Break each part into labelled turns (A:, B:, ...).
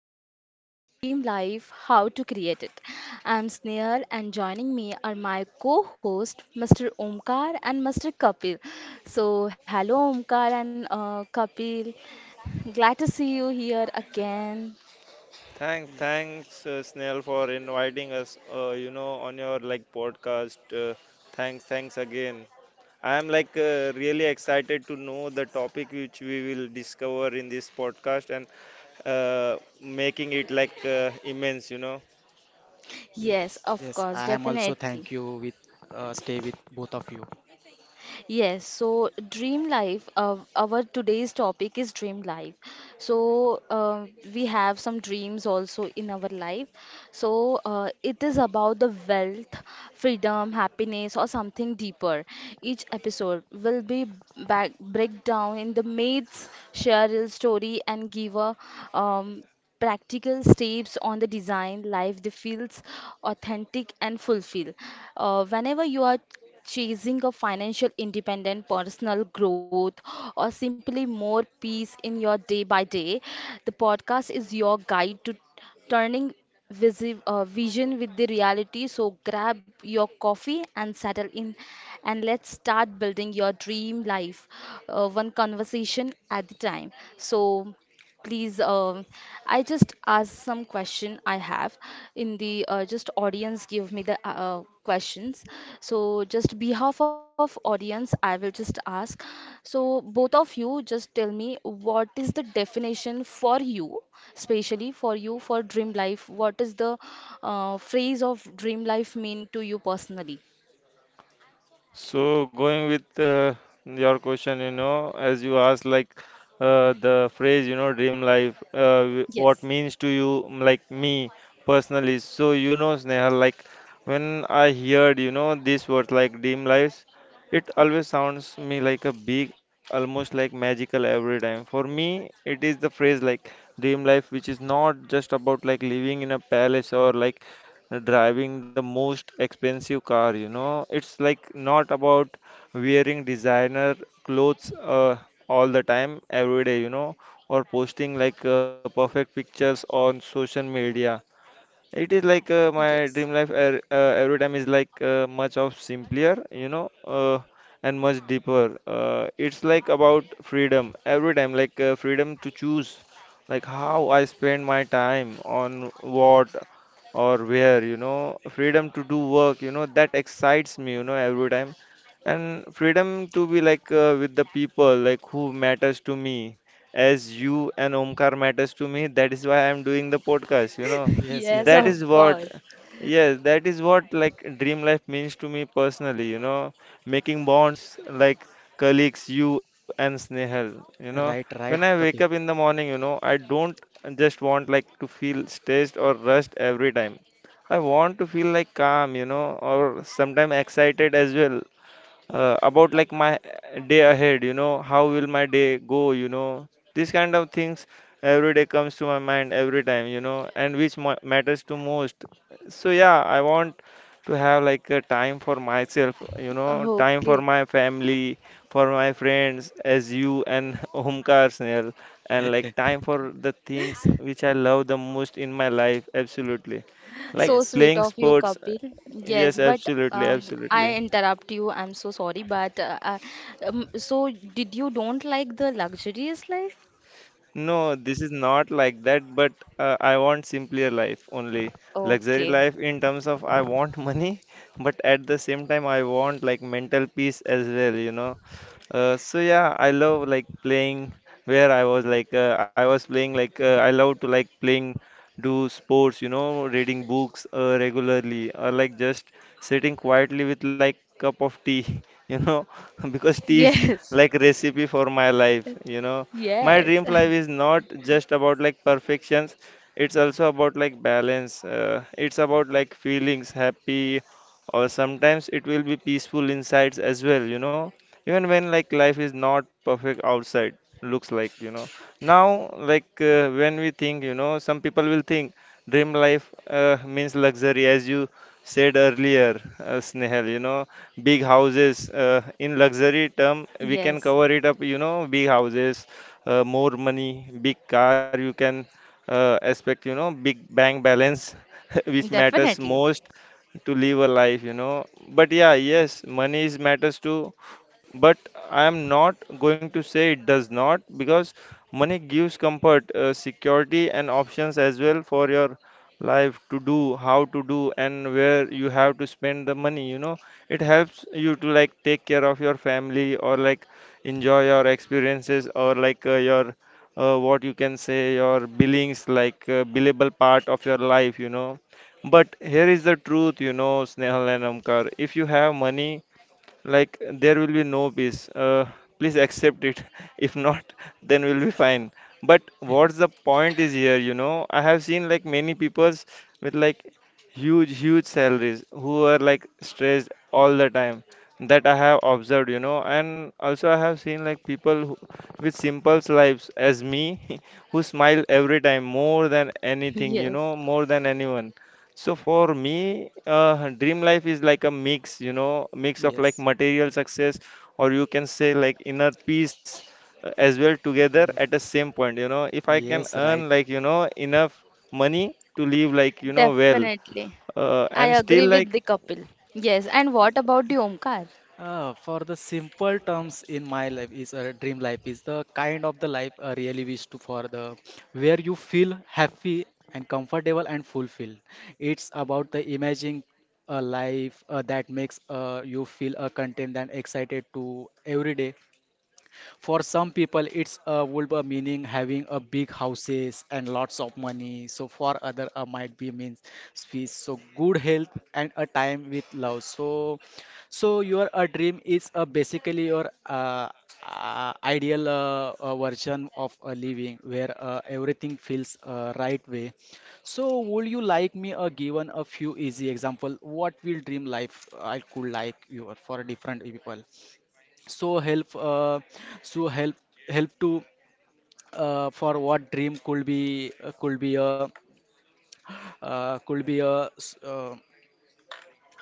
A: today's episode Dream Life How to Create It. I'm Sneha and joining me are my co host Mr. Omkar and Mr. Kapil. So, hello Omkar and Kapil, glad to see you here again.
B: Thanks, Snell, for inviting us. On your like podcast. Thanks again. I am like really excited to know the topic which we will discover in this podcast and making it like immense.
A: Yes,
C: Yes,
A: of
C: yes.
A: course,
C: I am also
A: definitely.
C: thank you with stay with both of you.
A: Yes, so dream life, our today's topic is dream life. So uh, we have some dreams also in our life. It is about the wealth, freedom, happiness, or something deeper. Each episode will be back break down in the mates, share real story, and give a um, practical steps on the design life they feels authentic and fulfill. Whenever you are chasing a financial independent personal growth or simply more peace in your day by day, the podcast is your guide to turning vision with the reality. So grab your coffee and settle in and let's start building your dream life, one conversation at a time. So please, I just ask some question I have in the just audience give me the questions. So just behalf of audience, I will just ask. So both of you just tell me what is the definition for you, especially for you for dream life. What is the phrase of dream life mean to you personally?
B: So going with your question, as you asked, like the phrase, dream life, what
A: Yes,
B: means to you, like me personally. So Sneha, like when I heard, these words like dream lives, it always sounds me like a big, almost like magical every time. For me, it is the phrase like dream life, which is not just about like living in a palace or like driving the most expensive car. It's like not about wearing designer clothes all the time, every day, or posting like perfect pictures on social media. It is like my
A: yes.
B: dream life every time is like much of simpler, and much deeper. It's like about freedom every time, like freedom to choose, like how I spend my time on what or where, freedom to do work, that excites me, every time, and freedom to be like with the people, like who matters to me, as you and Omkar matters to me. That is why I'm doing the podcast.
C: Yes,
A: Yes,
C: yes,
B: that
C: right.
A: of
B: is what,
A: course.
B: yes, that is what like dream life means to me personally, making bonds like colleagues, you and Snehal.
C: Right,
B: When I
C: right,
B: wake up in
C: Kapil.
B: the morning, I don't just want like to feel stressed or rushed every time. I want to feel like calm, or sometimes excited as well about like my day ahead. How will my day go? These kind of things every day comes to my mind every time and which matters to most. So yeah, I want to have like a time for myself, time for
A: Okay.
B: my family, for my friends as you and Omkar, Snell, and like time for the things which I love the most in my life, absolutely, like
A: So
C: Yes,
A: sweet
B: playing
A: of you,
B: sports.
A: Kapil.
B: Yes,
A: Yes, but
B: absolutely, absolutely.
A: I interrupt you. I'm so sorry, but so did you don't like the luxurious life?
B: No, this is not like that, but I want simpler life only. Luxury
A: Okay.
B: life in terms of I want money, but at the same time I want like mental peace as well. So yeah, I love like playing where I was like I was playing like I love to like playing do sports, reading books regularly or like just sitting quietly with like cup of tea, you know, because tea is
A: Yes.
B: like recipe for my life. My
A: Yes.
B: dream life is not just about like perfections. It's also about like balance. It's about like feelings happy, or sometimes it will be peaceful insides as well, even when like life is not perfect outside looks like. Now, like when we think, some people will think dream life means luxury as you said earlier, Snehal, big houses, in luxury term we can
A: Yes.
B: cover it up, big houses, more money, big car you can expect, big bank balance which matters
A: Definitely.
B: most to live a life, but yeah, yes, money is matters too, but I am not going to say it does not, because money gives comfort, security, and options as well for your life to do, how to do, and where you have to spend the money. It helps you to like take care of your family or like enjoy your experiences or like your what you can say your billings, like billable part of your life. But here is the truth, Snehal and Amkar. If you have money like there will be no peace, please accept it if not, then we'll be fine. But what's the point is here? I have seen like many peoples with like huge salaries who are like stressed all the time, that I have observed. And also I have seen like people who, with simple lives as me, who smile every time more than anything,
A: Yes.
B: more than anyone. So for me, dream life is like a mix, mix of like
C: yes,
B: material success, or you can say like inner peace as well together
C: yes,
B: at the same point. If I can
C: yes, right.
B: earn like, enough money to live like, well,
A: Definitely. I
B: and still
A: agree with
B: like
A: the Kapil. Yes. And what about the Omkar?
C: For the simple terms in my life is a dream life is the kind of the life I really wish to for the where you feel happy and comfortable and fulfilled. It's about the imagining a life that makes you feel content and excited to every day. For some people, it's a would be meaning having a big houses and lots of money. So for other, might be means peace. So good health and a time with love. So your a dream is a basically your ideal version of a living where everything feels right way. So would you like me given a few easy example? What will dream life I could like you for different people? so help uh, so help Help to for what dream could be a uh, could be a s- uh,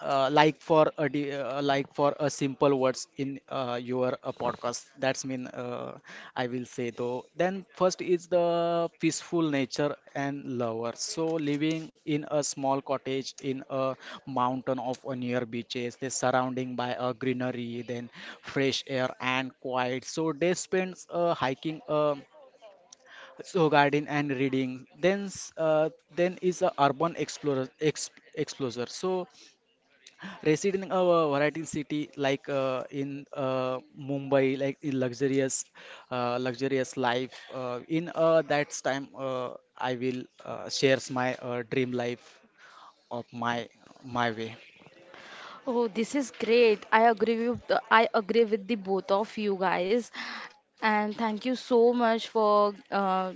C: like for a like for a simple words in your podcast that's mean I will say though. Then first is the peaceful nature and lover, so living in a small cottage in a mountain of a near beaches they surrounding by a greenery, then fresh air and quiet, so they spends hiking, so garden and reading. Then is a urban explorer explorer. So residing in a variety city like in Mumbai, like in luxurious, luxurious life. In that time, I will shares my dream life of my my way.
A: Oh, this is great. I agree with the both of you guys, and thank you so much for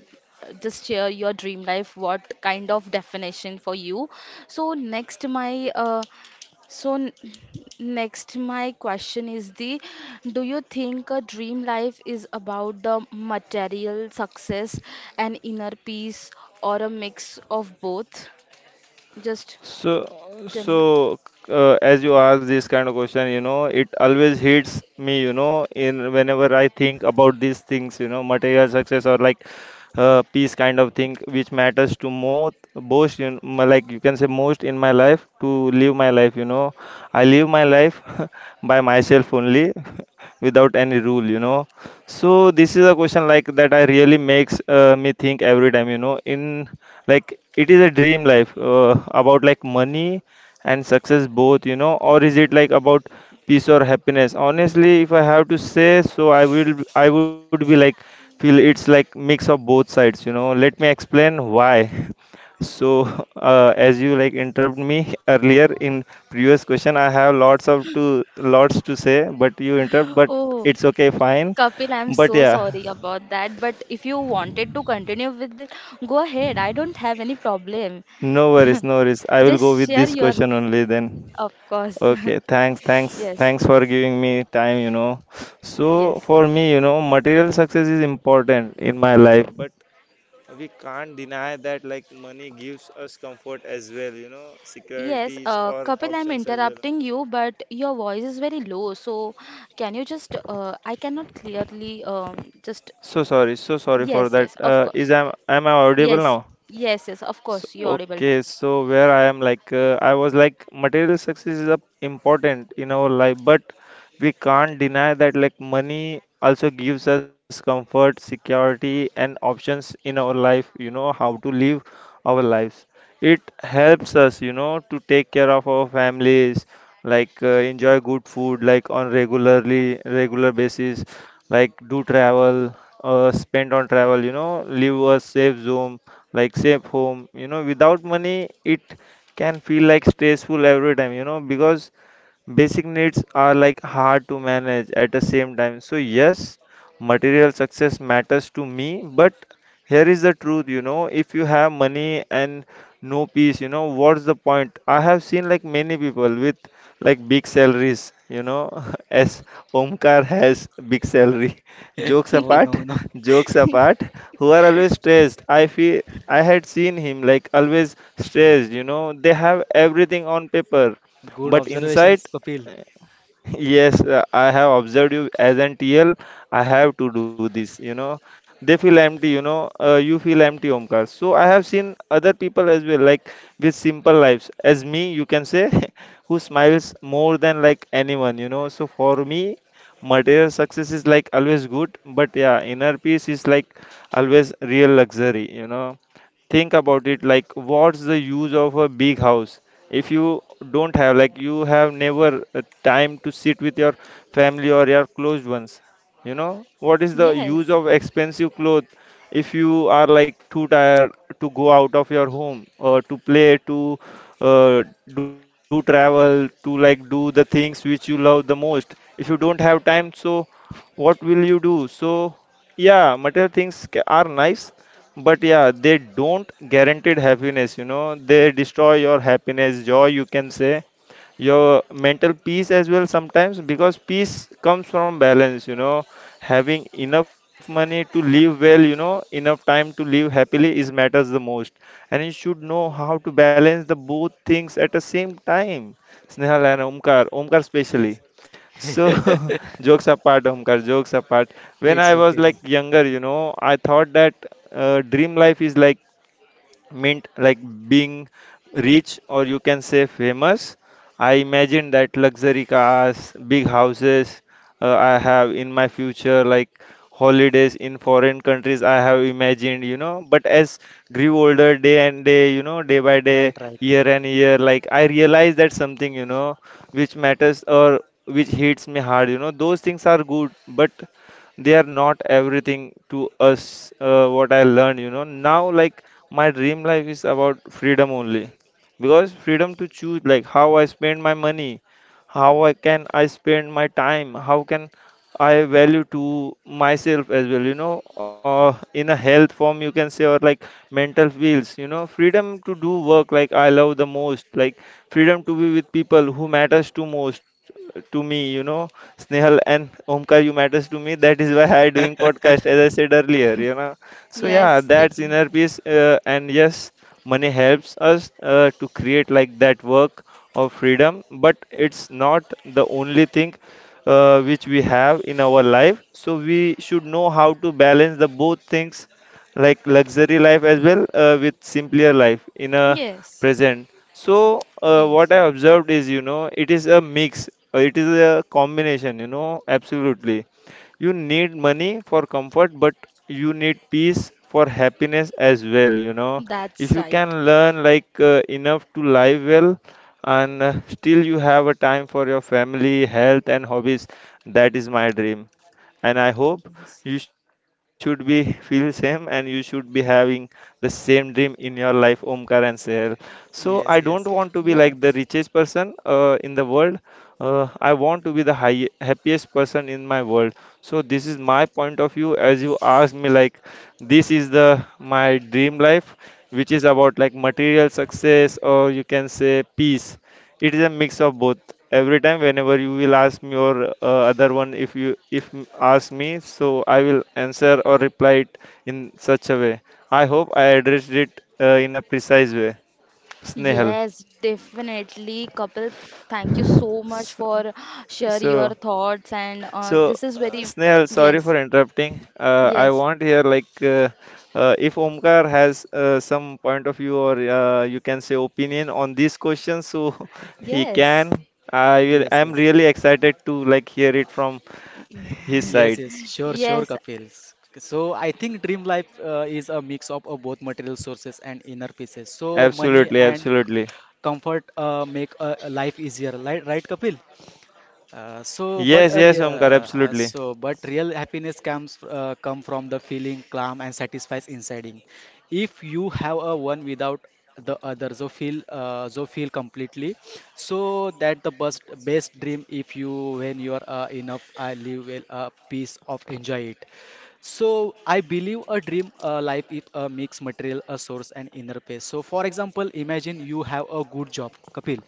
A: just share your dream life. What kind of definition for you? So next, so n- next my question is the, do you think a dream life is about the material success and inner peace, or a mix of both? Just
B: So,
A: tell me.
B: so uh, as you ask this kind of question, it always hits me, in whenever I think about these things, material success or like peace kind of thing, which matters to most, like you can say most in my life to live my life. I live my life by myself only, without any rule. So this is a question like that I really makes me think every time, in like it is a dream life about like money and success both, or is it like about peace or happiness? Honestly, if I have to say, so I would be like feel it's like mix of both sides. Let me explain why. So, as you like interrupt me earlier in previous question, I have lots to say, but you interrupt, but
A: Oh.
B: it's okay, fine.
A: Kapil, I'm
B: But
A: so
B: yeah,
A: sorry about that, but if you wanted to continue with it, go ahead. I don't have any problem.
B: no worries, no worries. I will go
A: Just
B: with
A: share
B: this
A: your,
B: question only then.
A: of course.
B: Okay, thanks, thanks,
A: Yes,
B: thanks for giving me time. So
A: yes.
B: for me, material success is important in my life, but we can't deny that like money gives us comfort as well,
A: Yes,
B: securities or
A: Kapil, I'm
B: options as well.
A: interrupting you, but your voice is very low. So, can you just, I cannot clearly, just,
B: So sorry for
A: yes,
B: that.
A: yes, of
B: Is
A: course.
B: am I audible
A: Yes,
B: now?
A: yes, yes, of
B: So,
A: course, you're audible.
B: okay, so where I am like I was like material success is a important in our life, but we can't deny that like money also gives us comfort, security, and options in our life, how to live our lives. It helps us, to take care of our families, like enjoy good food like on regular basis, like do travel, spend on travel, live a safe zone, like safe home, without money it can feel like stressful every time, because basic needs are like hard to manage at the same time. So yes, material success matters to me, but here is the truth, if you have money and no peace, what's the point? I have seen like many people with like big salaries, as Omkar has big salary, jokes
C: No,
B: apart
C: no, no.
B: jokes apart, who are always stressed. I feel I had seen him like always stressed, they have everything on paper,
C: Good
B: but inside
C: observations, Kapil.
B: Yes, I have observed you as an TL. I have to do this. They feel empty, you know. You feel empty, Omkar. So I have seen other people as well, like with simple lives, as me, you can say, who smiles more than like anyone. So for me, material success is like always good, but yeah, inner peace is like always real luxury. Think about it, like what's the use of a big house if you don't have like you have never time to sit with your family or your close ones. What is the use
A: Yes,
B: of expensive clothes if you are like too tired to go out of your home or to play to uh, do travel, to like do the things which you love the most, if you don't have time, so what will you do? So yeah, material things are nice, but yeah, they don't guaranteed happiness, they destroy your happiness, joy, you can say, your mental peace as well sometimes, because peace comes from balance, having enough money to live well, enough time to live happily is matters the most. And you should know how to balance the both things at the same time, Snehal and Omkar, Omkar
C: Yes.
B: specially. So, jokes apart, Omkar, jokes apart. When
C: It's
B: I was
C: okay. No.
B: like younger, I thought that dream life is like meant like being rich, or you can say famous. I imagine that luxury cars, big houses, I have in my future, like holidays in foreign countries I have imagined. But as grew older day and day, you know, day by
C: Right,
B: day,
C: right.
B: year and year, like I realize that something, you know, which matters or which hits me hard, you know, those things are good, but they are not everything to us, what I learned, you know, now, like my dream life is about freedom only, because freedom to choose like how I spend my money, how I spend my time, how can I value to myself as well, you know, in a health form, you can say, or like mental fields, you know, freedom to do work like I love the most, like freedom to be with people who matters to most, to me, you know, Snehal and Omkar, you matters to me. That is why I doing podcast, as I said earlier, you know. So
A: yes,
B: yeah, that's
A: definitely.
B: inner peace, and yes, money helps us to create like that work of freedom, but it's not the only thing which we have in our life, so we should know how to balance the both things like luxury life as well with simpler life in a
A: Yes,
B: present. So
A: yes,
B: what I observed is, you know, it is a mix, it is a combination, you know. Absolutely, you need money for comfort, but you need peace for happiness as well, you know,
A: that's
B: if you
A: right.
B: can learn like enough to live well and still you have a time for your family, health, and hobbies. That is my dream. And I hope
A: Yes.
B: you should be feel same and you should be having the same dream in your life, Omkar and Sehel. So I don't
C: Yes,
B: want to
C: yes.
B: be like
A: Yes,
B: the richest person in the world. I want to be the high, happiest person in my world. So this is my point of view. As you asked me, like this is the my dream life which is about like material success or you can say peace. It is a mix of both. Every time, whenever you will ask me or other one, if you if m- ask me, so I will answer or reply it in such a way. I hope I addressed it in a precise way. Snehal.
A: yes, definitely, Kapil. Thank you so much
B: So,
A: for share your
B: so
A: thoughts and this is very
B: Snehal, sorry for
A: yes,
B: interrupting. I
A: yes,
B: want here like if Omkar has some point of view or you can say opinion on these questions, so he can.
A: yes,
B: I will.
C: Yes,
B: I'm
C: yes.
B: really excited to like hear it from his
C: Yes,
B: side.
C: yes, sure, sure,
A: yes,
C: Kapil. So I think dream life is a mix of both material sources and inner pieces. So money
B: Absolutely,
C: and
B: absolutely.
C: comfort make a life easier, right, right, Kapil?
B: Yes, yes, Omkar, absolutely.
C: But real happiness comes come from the feeling calm and satisfied inside. In. If you have a one without the other, so feel completely. So that the best best dream. If you when you are enough, I live well, a piece of enjoy it. So I believe a dream life is a mixed material, a source and inner peace. So for example, imagine you have a good job, Kapil.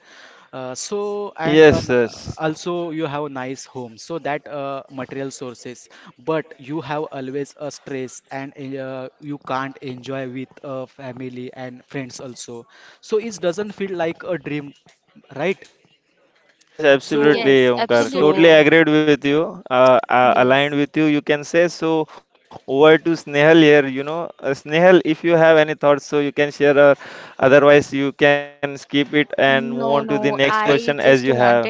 B: Yes, yes.
C: Also you have a nice home so that material sources, but you have always a stress and you can't enjoy with family and friends also, so it doesn't feel like a dream, right?
B: Yes,
C: So
B: absolutely,
A: yes,
B: Omkar. Totally
C: so
A: absolutely right.
B: agreed with you. Aligned
A: Yes.
B: with you, you can say. So, over to Snehal here. You know, Snehal, if you have any thoughts, so you can share, or otherwise, you can skip it and move
A: No,
B: on to the
A: no,
B: next question
A: I
B: as
A: just
B: you have.
A: wanted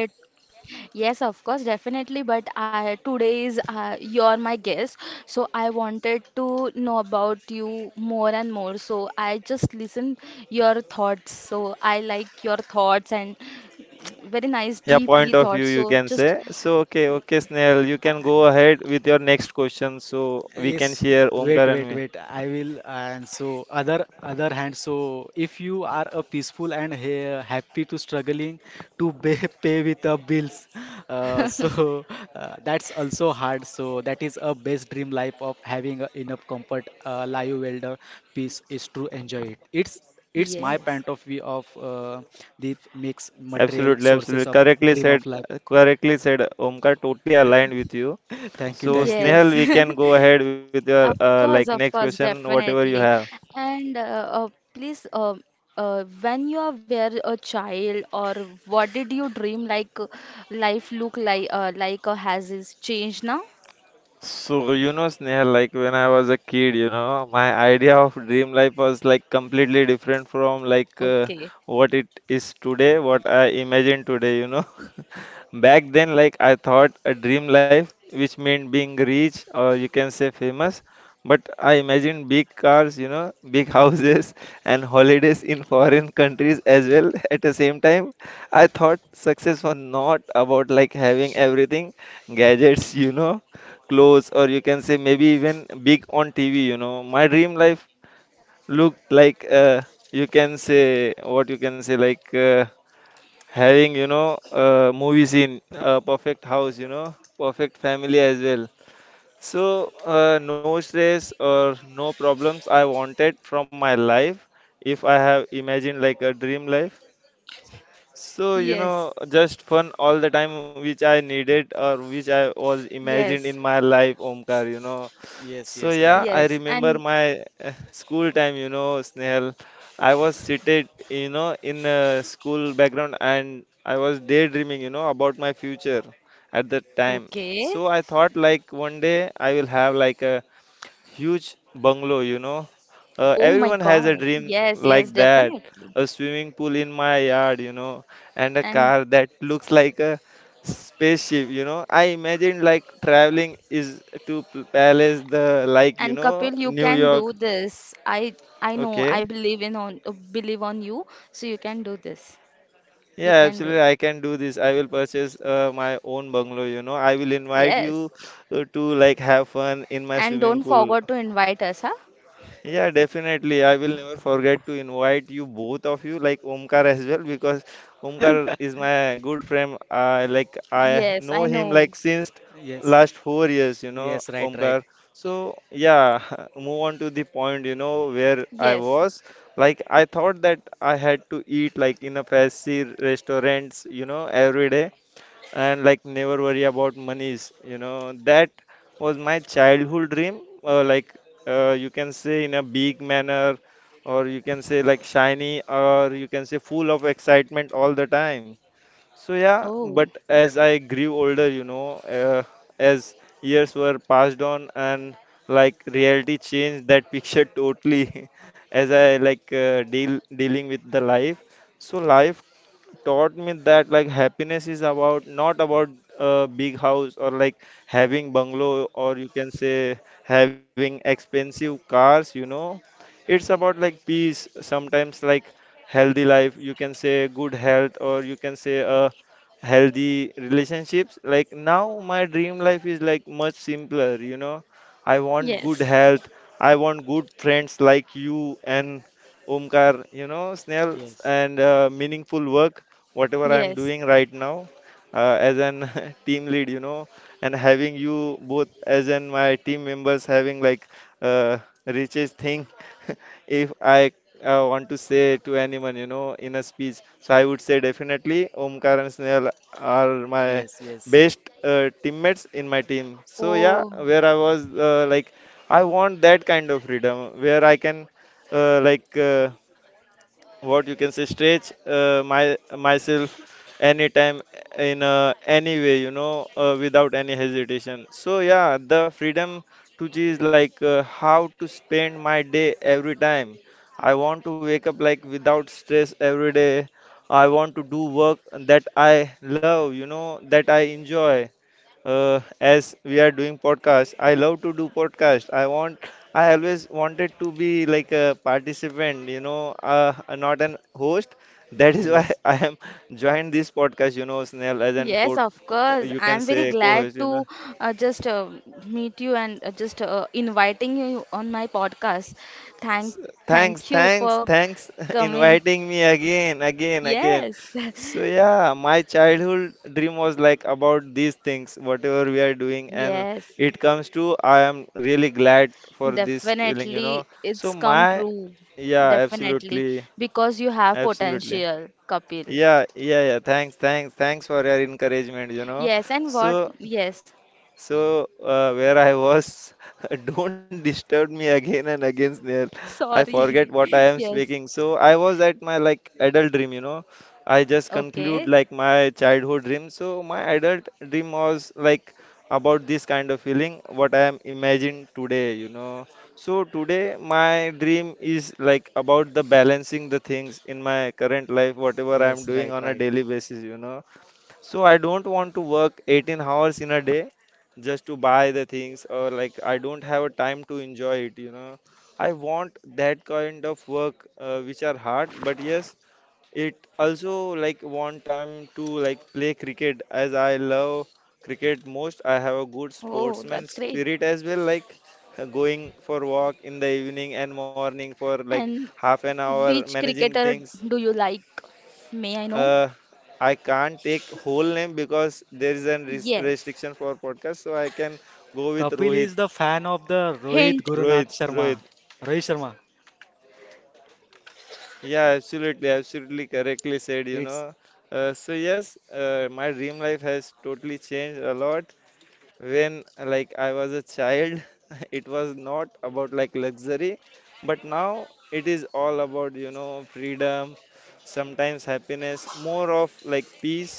A: yes, of course, definitely. But I today is you're my guest, so I wanted to know about you more and more. So I just listen your thoughts. So I like your thoughts and very nice,
B: Yeah, point
A: deeply
B: of view,
A: thoughts.
B: you
A: So
B: can
A: just
B: say. So, okay, okay, Snehal, you can go ahead with your next question. So, we
C: yes,
B: can share
C: wait,
B: Omkar
C: wait,
B: and me.
C: wait. I will. And so, other other hand, so if you are a peaceful and ha happy to struggling to pay, pay with the bills, so that's also hard. So that is a best dream life of having a enough comfort, life welder peace is to enjoy it. It's my
A: yes.
C: point of view of the mixed material
B: Absolutely, absolutely.
C: sources of dream of life.
B: Correctly said, Omkar. Totally aligned with you.
C: Thank you,
B: So
C: thank you.
B: Snehal,
A: Yes,
B: we can go ahead with your
A: of course,
B: like
A: of
B: next
A: course,
B: question, whatever you
A: definitely.
B: have.
A: And please, when you are were a child, or what did you dream like life look like or has is changed now?
B: So, you know, Snehal, like when I was a kid, you know, my idea of dream life was like completely different from like
A: Okay.
B: what it is today, what I imagine today, you know. Back then, like I thought a dream life, which meant being rich or you can say famous, but I imagined big cars, you know, big houses and holidays in foreign countries as well. At the same time, I thought success was not about like having everything, gadgets, you know, clothes or you can say maybe even big on TV, you know. My dream life looked like you can say what you can say like having, you know, movie scene, a perfect house, you know, perfect family as well. So no stress or no problems I wanted from my life if I have imagined like a dream life. So, you
A: Yes,
B: know, just fun all the time, which I needed or which I was
A: yes,
B: imagined in my life, Omkar, you know.
C: Yes,
B: So,
C: yes, right,
B: yeah,
A: yes.
B: I
C: right.
A: And
B: remember my school time, you know, Snehal. I was seated, you know, in a school background and I was daydreaming, you know, about my future at that time.
A: okay.
B: So, I thought like one day I will have like a huge bungalow, you know.
A: Oh my
B: Everyone has
A: God,
B: a dream
A: yes, yes,
B: like that.
A: definitely.
B: A swimming pool in my yard, you know, and a
A: And
B: car that looks like a spaceship, you know. I imagine like traveling is to palace the like, you
A: and
B: know,
A: Kapil, you
B: New
A: can do
B: York.
A: this. I know. I
B: Okay.
A: believe in on believe on you, so you can do this. You
B: Yeah,
A: can do it.
B: absolutely. I can do this. I will purchase my own bungalow, you know. I will invite
A: Yes.
B: you to like have fun in my
A: And don't
B: swimming pool.
A: forget to invite us, huh?
B: Yeah, definitely. I will never forget to invite you both of you, like Omkar as well, because Omkar is my good friend. I
A: Yes,
B: know
A: I
B: him
A: know.
B: like since
C: Yes,
B: last 4 years, you know,
C: yes, right, right.
B: Omkar. So yeah, move on to the point, you know, where I
A: Yes.
B: was. Like I thought that I had to eat like in a fancy restaurants, you know, every day and like never worry about monies, you know. That was my childhood dream, like you can say in a big manner or you can say like shiny or you can say full of excitement all the time. So yeah, but
A: Oh,
B: as I grew older, you know, as years were passed on and like reality changed that picture totally as I like dealing with the life. So life taught me that like happiness is about not about a big house or like having bungalow or you can say having expensive cars, you know. It's about like peace, sometimes like healthy life, you can say good health or you can say a healthy relationships. Like now my dream life is like much simpler, you know. I want good
A: yes.
B: health, I want good friends like you and Omkar, you know, Snails,
C: Yes,
B: and meaningful work, whatever I'm
A: Yes.
B: doing right now, as an team lead, you know, and having you both as an my team members having like uh, richest thing, if I want to say to anyone, you know, in a speech. So I would say definitely Omkar and Snail are my
C: yes, yes,
B: best teammates in my team. So yeah,
A: Oh,
B: where I was, like, I want that kind of freedom where I can like what you can say stretch my myself anytime in any way, you know, without any hesitation. So yeah, the freedom to choose like how to spend my day every time. I want to wake up like without stress every day. I want to do work that I love, you know, that I enjoy, as we are doing podcast. I love to do podcast. I always wanted to be like a participant, you know, not an host, that is why
C: yes,
B: I am joined this podcast, you know, Snell, as an
A: yes,
B: port,
A: of course.
B: you can
A: I'm very
B: say
A: glad
B: co-host, you know.
A: to just meet you and just inviting you on my podcast. Thank,
B: S- Thanks,
A: thank you
B: thanks,
A: for
B: thanks,
A: coming.
B: inviting me again, again, again.
A: Yes.
B: So yeah, my childhood dream was like about these things, whatever we are doing, and
A: Yes,
B: it comes to I am really glad for this feeling, you know.
A: definitely
B: So
A: it's come
B: my
A: true.
B: Yeah,
A: Definitely
B: absolutely,
A: because you have
B: absolutely.
A: potential, Kapil.
B: Yeah, yeah, yeah. Thanks, thanks, thanks for your encouragement, you know.
A: Yes, and
B: So
A: what? Yes.
B: where I was, don't disturb me again and again, Snail. I
A: Sorry.
B: forget what I am
A: Yes.
B: speaking. So, I was at my like adult dream, you know. I just
A: Okay.
B: conclude like my childhood dream. So, my adult dream was like about this kind of feeling, what I am imagined today, you know. So, today my dream is like about the balancing the things in my current life, whatever I am
C: yes,
B: doing
C: right,
B: on a
C: right.
B: daily basis, you know, so I don't want to work 18 hours in a day just to buy the things or like I don't have a time to enjoy it, you know. I want that kind of work which are hard, but yes, it also like want time to like play cricket as I love cricket most. I have a good
A: Oh, that's
B: sportsman
A: great.
B: spirit as well, like going for walk in the evening and morning for like
A: And
B: half an hour
A: which
B: managing
A: cricketer
B: things.
A: do you like? May I know?
B: uh, I can't take whole name because there is a
A: Yes.
B: restriction for podcast, so I can go with
C: Kapil
B: Rohit.
C: is the fan of the Rohit
A: Hint.
C: Gurunath
B: Rohit, Rohit.
C: Sharma. Rohit Sharma.
B: Yeah, absolutely, absolutely correctly said, you
C: It's
B: know. So yes, my dream life has totally changed a lot. When like I was a child, it was not about like luxury, but now it is all about, you know, freedom, sometimes happiness, more of like peace.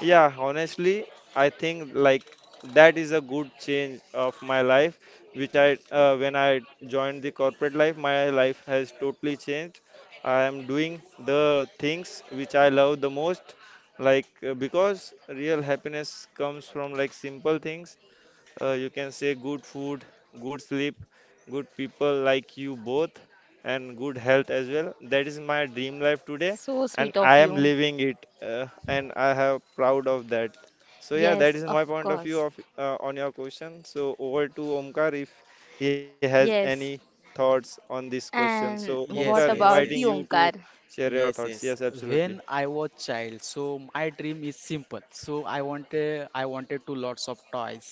B: Yeah, honestly, I think like that is a good change of my life, which I when I joined the corporate life, my life has totally changed. I am doing the things which I love the most, like because real happiness comes from like simple things. You can say good food, good sleep, good people like you both, and good health as well. That is my dream life today,
A: So
B: and
A: sweet of
B: I am
A: you.
B: living it, and I have proud of that. So yeah, that
A: Yes,
B: is
A: of
B: my point of view
A: course.
B: of on your question. So over to Omkar if he has
A: Yes.
B: any thoughts on this question. So
A: And what
B: Omkar,
C: yes,
A: about
C: yes,
A: the
B: inviting
C: yes.
B: you to
A: Onkar?
B: share your
C: Yes,
B: thoughts,
C: yes.
B: yes, absolutely.
C: When I was child, so my dream is simple. So I wanted to lots of toys,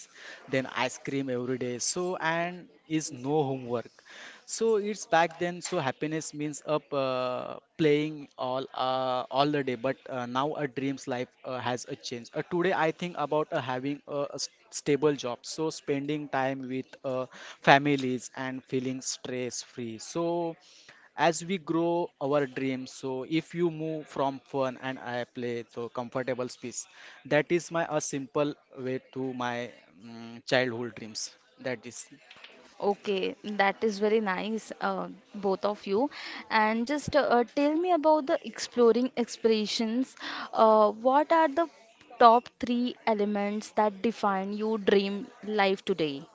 C: then ice cream every day. So and is no homework. So it's back then. So happiness means up playing all the day. But now a dream's life has a change. Today I think about having a stable job. So spending time with families and feeling stress free. So as we grow our dreams, so if you move from fun and I play to comfortable space, that is my a simple way to my childhood dreams. That is
A: Okay, that is very nice, both of you. And just tell me about the exploring expressions. What are the top three elements that define your dream life today?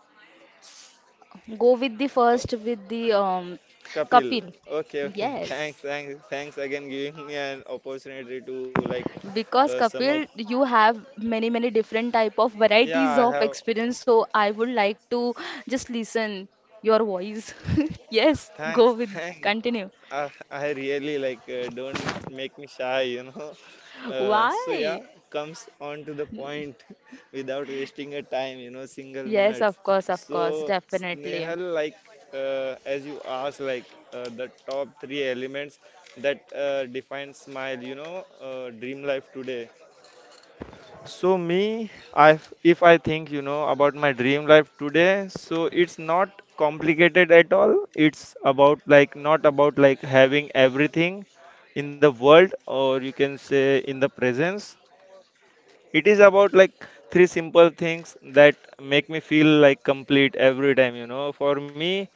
A: Go with the
B: So.
A: first, with the
B: Kapil.
A: Kapil.
B: Okay, okay. Thanks,
A: Yes.
B: thanks, thanks again giving me an opportunity to like
A: Because
B: sum up.
A: Kapil, you have many, many different type of
B: Yeah, I
A: varieties of
B: have.
A: experience, so I would like to just listen your voice. Yes,
B: Thanks, thanks.
A: continue.
B: I really like, don't make me shy, you know. Uh,
A: Why?
B: so yeah, comes on to the point without wasting a time, you know, single
A: Yes,
B: minutes.
A: of course,
B: So
A: definitely.
B: Snehal, like as you asked, like the top three elements that defines my, you know, dream life today. So me, I if I think you know about my dream life today, so it's not complicated at all. It's about like not about like having everything in the world, or you can say in the presence. It is about like three simple things that make me feel like complete every time, you know. For me,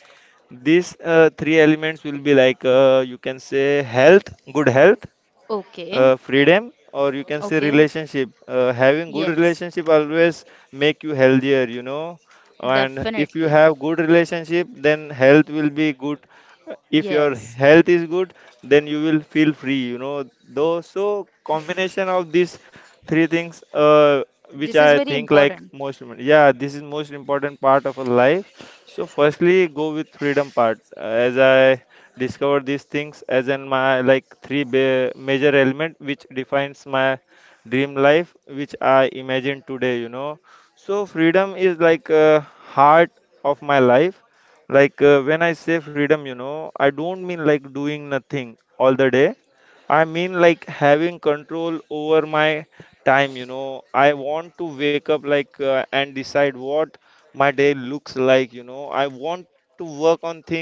B: these three elements will be like, you can say health, good health,
A: Okay,
B: freedom, or you can say
A: okay.
B: relationship. Having good
A: Yes,
B: relationship always make you healthier, you know, and if you
A: definitely.
B: have good relationship, then health will be good. If your
A: Yes,
B: health is good, then you will feel free, you know, though. So combination of these three things, which
A: this is
B: I
A: very
B: think like
A: important.
B: most, yeah, this is most important part of a life. So firstly, go with freedom part. As I discover these things as in my like three major element which defines my dream life which I imagine today, you know. So freedom is like a heart of my life. Like when I say freedom, you know, I don't mean like doing nothing all the day. I mean like having control over my time, you know. I want to wake up like and decide what my day looks like, you know. I want to work on things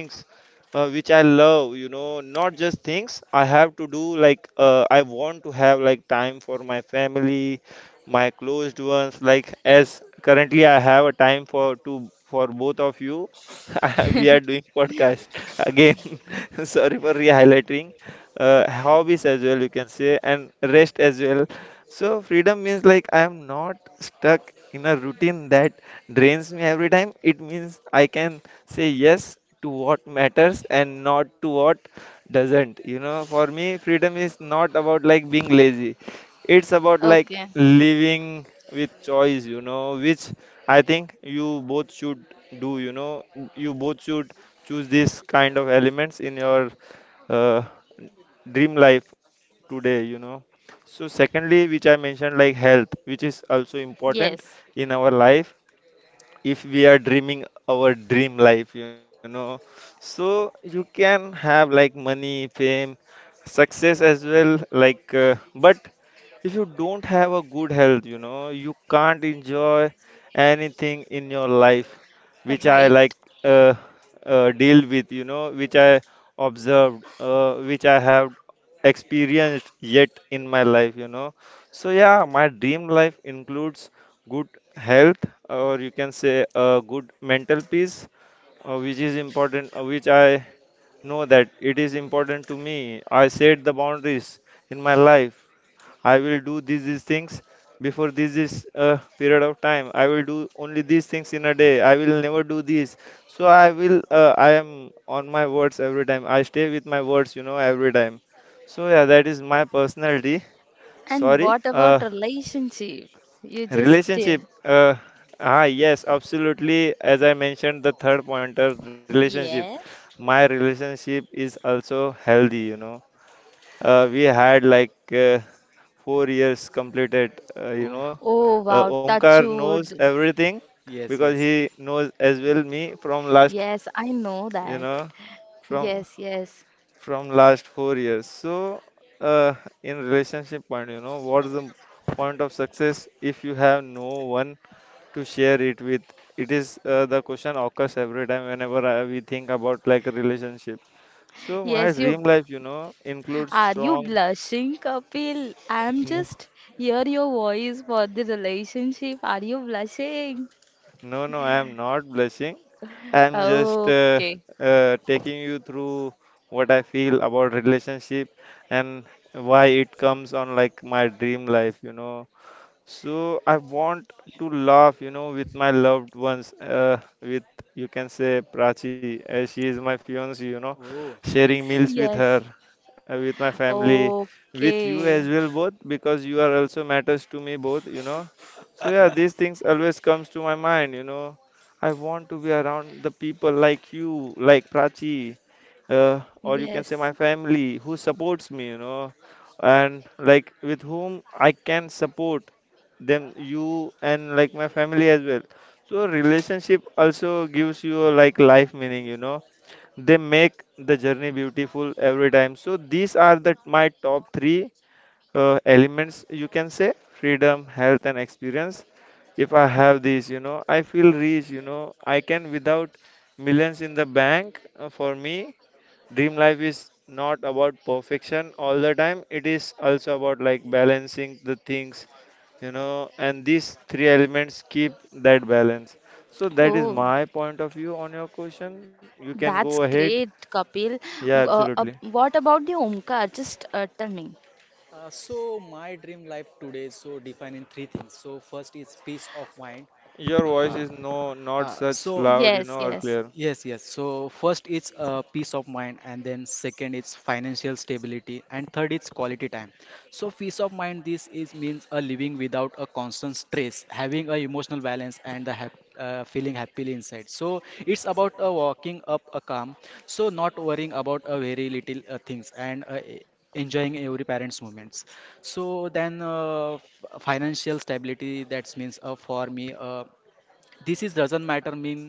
B: which I love, you know, not just things I have to do, like, I want to have like time for my family, my closed ones, like as currently I have a time for to for both of you. We are doing podcast again. Sorry for re-highlighting, hobbies as well, you can say, and rest as well. So freedom means like I am not stuck in a routine that drains me every time. It means I can say yes to what matters and not to what doesn't. You know, for me, freedom is not about like being lazy. It's about like
A: Okay,
B: living with choice, you know, which I think you both should do, you know, you both should choose this kind of elements in your uh, dream life today, you know. So secondly, which I mentioned like health, which is also important
A: yes,
B: in our life if we are dreaming our dream life, you know. So you can have like money, fame, success as well, like, but if you don't have a good health, you know, you can't enjoy anything in your life, which
A: right.
B: I like, uh, deal with, you know, which I observed, which I have experienced yet in my life, you know. So yeah, my dream life includes good health, or you can say good mental peace, which is important, which I know that it is important to me. I set the boundaries in my life. I will do these things before this is a period of time. I will do only these things in a day. I will never do this. So I will. I am on my words every time. I stay with my words, you know, every time. So yeah, that is my personality.
A: And
B: Sorry.
A: what about relationship? You just,
B: Relationship. Ah yes, absolutely. As I mentioned, the third pointer, relationship.
A: yes.
B: My relationship is also healthy. You know, we had like. 4 years completed, you
C: oh
B: know.
A: Oh wow, touch
B: Omkar
A: wood.
B: knows everything
C: yes
B: because
C: yes
B: he knows as well me from last,
A: Yes, I know
B: you
A: that.
B: know, from
A: Yes, yes.
B: from last 4 years. So, uh, in relationship point, you know, what's the point of success if you have no one to share it with? It is the question occurs every time whenever we think about like a relationship. So my
A: Yes, you
B: dream life, you know, includes
A: are you
B: strong.
A: blushing, Kapil? I'm just hear your voice for the relationship. Are you blushing?
B: No, no, I am not blushing. I am just
A: Okay.
B: taking you through what I feel about relationship and why it comes on like my dream life, you know. So I want to laugh, you know, with my loved ones, with, you can say, Prachi, as she is my fiancée, you know,
C: oh
B: sharing
C: nice.
B: meals with
A: Yes.
B: her, with my family, with
A: Okay.
B: you as well, both, because you are also matters to me both, you know. So yeah, these things always comes to my mind, you know. I want to be around the people like you, like Prachi, or you can say
A: Yes.
B: my family who supports me, you know, and like with whom I can support them, you, and like my family as well. So relationship also gives you like life meaning, you know. They make the journey beautiful every time. So these are the my top three elements, you can say: freedom, health, and experience. If I have these, you know, I feel rich, you know, I can without millions in the bank. For me, dream life is not about perfection all the time. It is also about like balancing the things, you know, and these three elements keep that balance. So that is
A: Oh,
B: my point of view on your question. You can go
A: that's
B: ahead.
A: great, Kapil.
B: Yeah,
A: Uh, uh,
B: absolutely.
A: what about the Omkar? Just tell me.
C: So my dream life today so defined in three things, so first is peace of mind.
B: Your voice
C: Uh,
B: is no not
C: Uh, so,
B: such loud, you
A: Yes,
B: know, or
C: uh,
A: yes.
B: clear.
C: yes, yes. So, first it's peace of mind, and then second it's financial stability, and third it's quality time. So, peace of mind this is means a living without a constant stress, having a emotional balance, and the hap feeling happily inside. So, it's about walking up a calm, so not worrying about a very little things, and enjoying every parent's moments. So financial stability that means for me this is doesn't matter mean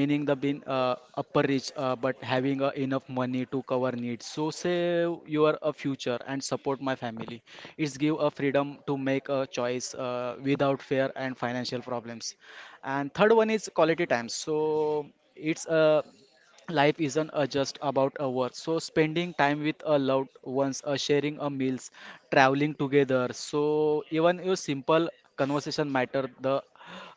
C: meaning the being upper rich, but having enough money to cover needs, so save your future and support my family. It's give a freedom to make a choice without fear and financial problems. And third one is quality time. So it's life isn't just about a work, so spending time with a loved ones, sharing a meals, traveling together, so even your simple conversation matter the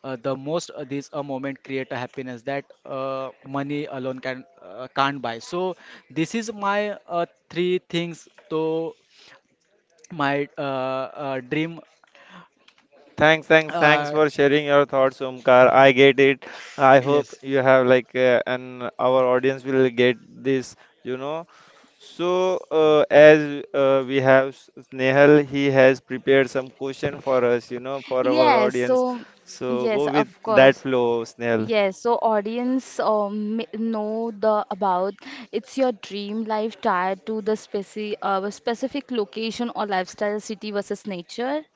C: uh, the most. These a moment create a happiness that money alone can't buy. So this is my three things to my dream.
B: Thanks, thanks, thanks
C: uh,
B: for sharing your thoughts, Omkar. I get it. I hope
C: yes
B: you have like, and our audience will get this, you know. So, as we have Snehal, he has prepared some question for us, you know, for our
A: Yes,
B: audience.
A: so
B: So
A: yes,
B: go with
A: of
B: that
A: course.
B: flow, Snehal.
A: Yes, so audience may know the about it's your dream life tied to the specific location or lifestyle, city versus nature.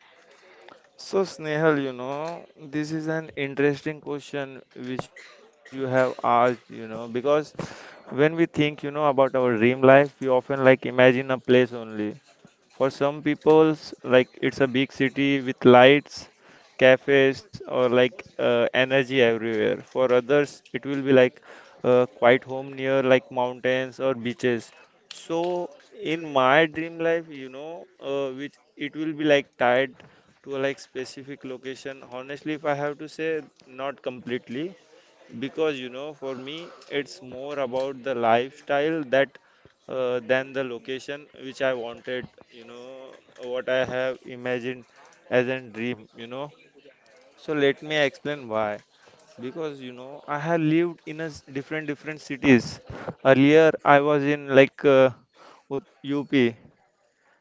B: So, Snehal, you know, this is an interesting question which you have asked, you know, because when we think, you know, about our dream life, we often like imagine a place only. For some people, like it's a big city with lights, cafes, or like energy everywhere. For others, it will be like a quiet home near like mountains or beaches. So in my dream life, you know, which it will be like tied to a like specific location. Honestly, if I have to say, not completely, because you know for me it's more about the lifestyle that than the location which I wanted, you know, what I have imagined as a dream, you know. So let me explain why. Because, you know, I have lived in a different different cities. Earlier, I was in like Ut- UP,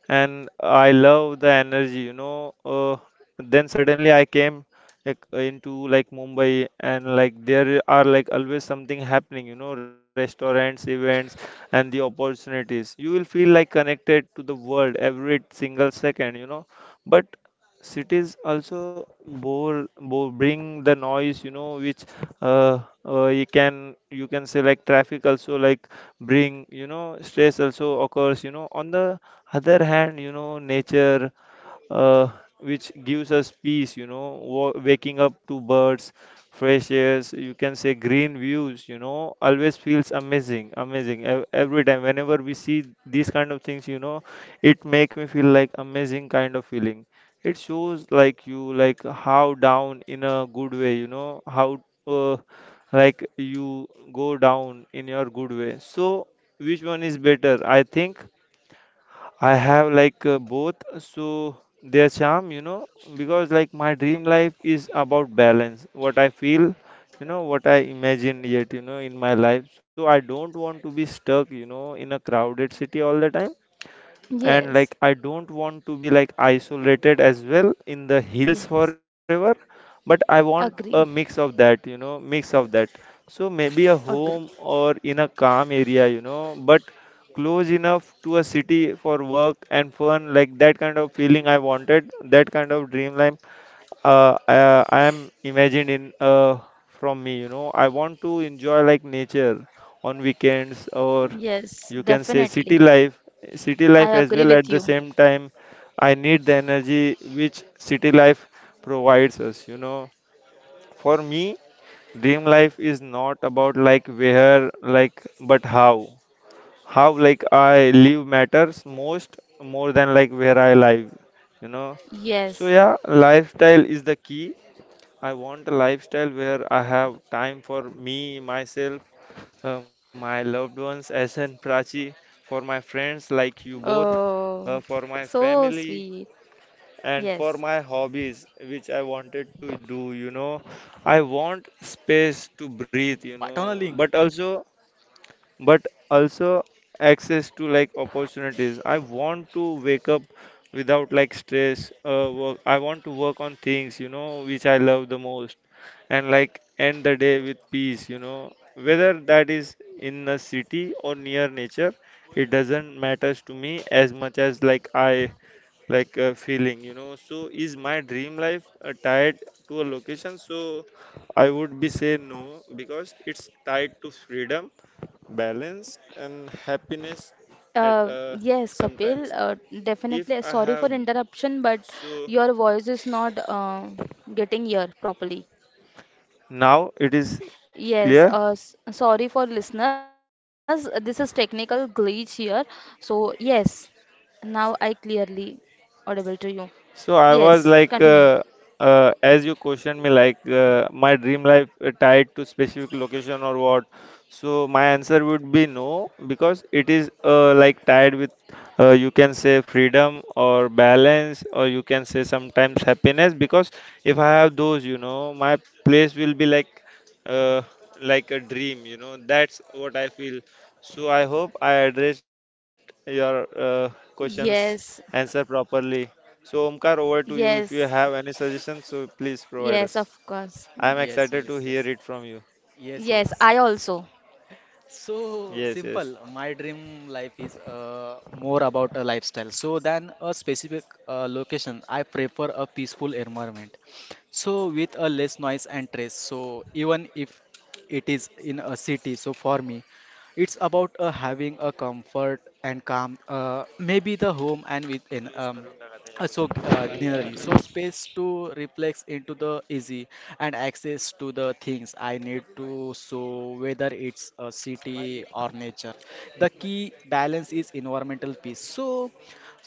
B: and I love the energy, you know. Then suddenly I came like into like Mumbai, and like there are like always something happening, you know, restaurants, events, and the opportunities. You will feel like connected to the world every single second, you know. But cities also bore, bore bring the noise, you know, which uh, you can say like traffic also like bring, you know, stress also occurs, you know. On the other hand, you know, nature, uh, which gives us peace, you know, waking up to birds, fresh airs, you can say green views, you know, always feels amazing every time whenever we see these kind of things, you know. It make me feel like amazing kind of feeling. It shows like you like how down in a good way, you know, how, uh, like you go down in your good way. So which one is better, I think I have like both, so their charm, you know, because like my dream life is about balance, what I feel, you know, what I imagine yet, you know, in my life. So I don't want to be stuck, you know, in a crowded city all the time, and
A: Yes,
B: like I don't want to be like isolated as well in the hills
A: yes,
B: forever, but I want
A: agree,
B: a mix of that, you know, mix of that. So maybe a
A: agree.
B: home or in a calm area, you know, but close enough to a city for work and fun, like that kind of feeling I wanted, that kind of dreamland I am imagined in from me, you know. I want to enjoy like nature on weekends or
A: Yes,
B: you can say city
A: definitely.
B: life, city
A: I
B: life as
A: agree
B: well. At
A: with
B: the
A: you.
B: same time, I need the energy which city life provides us, you know. For me, dream life is not about like where, like, but how. How like I live matters most more than like where I live, you know. So
A: Yes.
B: yeah, lifestyle is the key. I want a lifestyle where I have time for me, myself, my loved ones, as in Prachi, for my friends like you both,
A: Oh,
B: for my
A: so
B: family,
A: sweet.
B: and for
A: Yes.
B: my hobbies, which I wanted to do. You know, I want space to breathe, you
C: partner
B: know,
C: link
B: but also access to like opportunities. I want to wake up without like stress. Work. I want to work on things, you know, which I love the most, and like end the day with peace. You know, whether that is in a city or near nature, it doesn't matters to me as much as like I like feeling. You know. So is my dream life tied to a location? So I would be say no, because it's tied to freedom, balance, and happiness at
A: Uh, yes, Kapil.
B: sometimes
A: Uh,
B: if
A: definitely.
B: I
A: Sorry for
B: have those.
A: interruption, but
B: So
A: your voice is not getting here properly.
B: now it is
A: Yes,
B: clear.
A: sorry for listeners. This is technical glitch here. So, yes, now I clearly audible to you.
B: So I
A: Yes,
B: was like,
A: continue.
B: as you questioned me, like my dream life tied to specific location or what? So my answer would be no, because it is like tied with, you can say freedom or balance, or you can say sometimes happiness. Because if I have those, you know, my place will be uh, like a dream. You know, that's what I feel. So I hope I addressed your questions
A: Yes,
B: answer properly. So, Omkar, over to you. If you
A: yes,
B: have any suggestions, so please provide
A: yes,
B: us.
A: of course.
B: I am
C: yes
B: excited
C: yes
B: to
C: yes
B: hear it from you.
C: yes
A: Yes,
C: yes.
A: I also.
C: So
B: Yes,
C: simple.
B: yes.
C: My dream life is more about a lifestyle. So than a specific location, I prefer a peaceful environment. So with a less noise and stress. So even if it is in a city, so for me, it's about having a comfort and calm. Maybe the home and within. So greenery, so space to reflex into the easy and access to the things I need to. So whether it's a city or nature, the key balance is environmental peace. So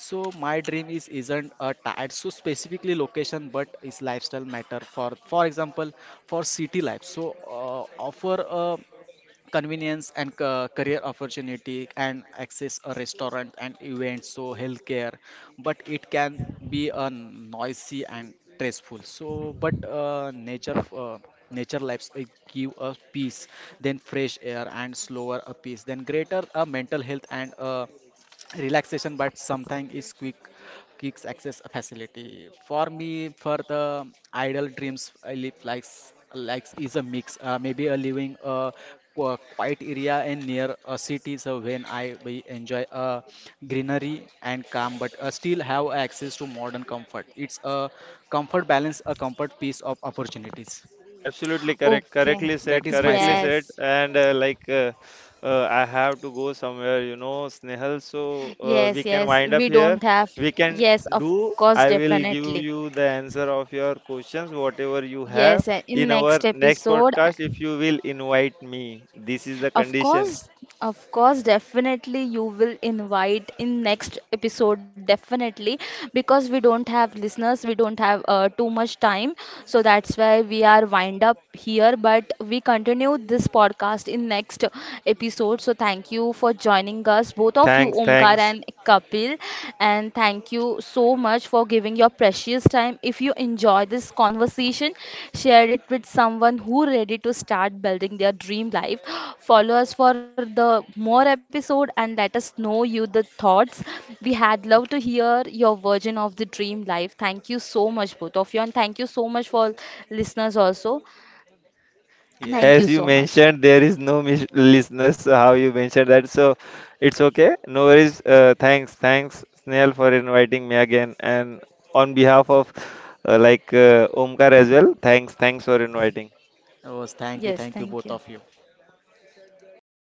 C: so my dream is isn't a tied so specifically location, but is lifestyle matter. For example, for city life, so offer a convenience and career opportunity and access a restaurant and events, so healthcare, but it can be a noisy and stressful. So but nature lives give us peace, then fresh air and slower a peace, then greater mental health and relaxation, but sometimes is quick kicks access a facility. For me, for the idle dreams I live likes likes is a mix. Maybe a living a quiet area and near a city, so when I we enjoy a greenery and calm, but still have access to modern comfort. It's a comfort balance, a comfort piece of opportunities.
B: Absolutely correct.
A: Okay.
B: Correctly
C: That
B: said.
C: is my
B: Correctly
C: side.
B: said.
A: Yes,
B: And I have to go somewhere, you know, Snehal. So we
A: yes,
B: can
A: yes.
B: wind up
A: We
B: here.
A: don't have.
B: We can
A: Yes, of
B: do.
A: course,
B: I will give
A: definitely.
B: you the answer of your questions, whatever you have,
A: Yes, in
B: in our
A: next
B: next
A: episode.
B: podcast if you will invite me. This is the
A: Of
B: condition.
A: course, of course, definitely you will invite in next episode, definitely, because we don't have listeners, we don't have too much time, so that's why we are wind up here. But we continue this podcast in next episode. So thank you for joining us, both of you,
B: Thanks.
A: Omkar
B: Thanks.
A: and Kapil, and thank you so much for giving your precious time. If you enjoy this conversation, share it with someone who ready to start building their dream life. Follow us for the more episode and let us know you the thoughts. We had love to hear your version of the dream life. Thank you so much both of you and thank you so much for listeners also. Thank
C: Yes,
A: you
B: As you
A: so much.
B: mentioned, there is no mis listeners, how you mentioned that. So it's okay. No worries. Thanks. Thanks, Snail, for inviting me again. And on behalf of Omkar as well, thanks. Thanks for inviting.
C: oh, thank you,
A: Yes,
C: thank you,
A: thank
C: both
A: you.
C: of you.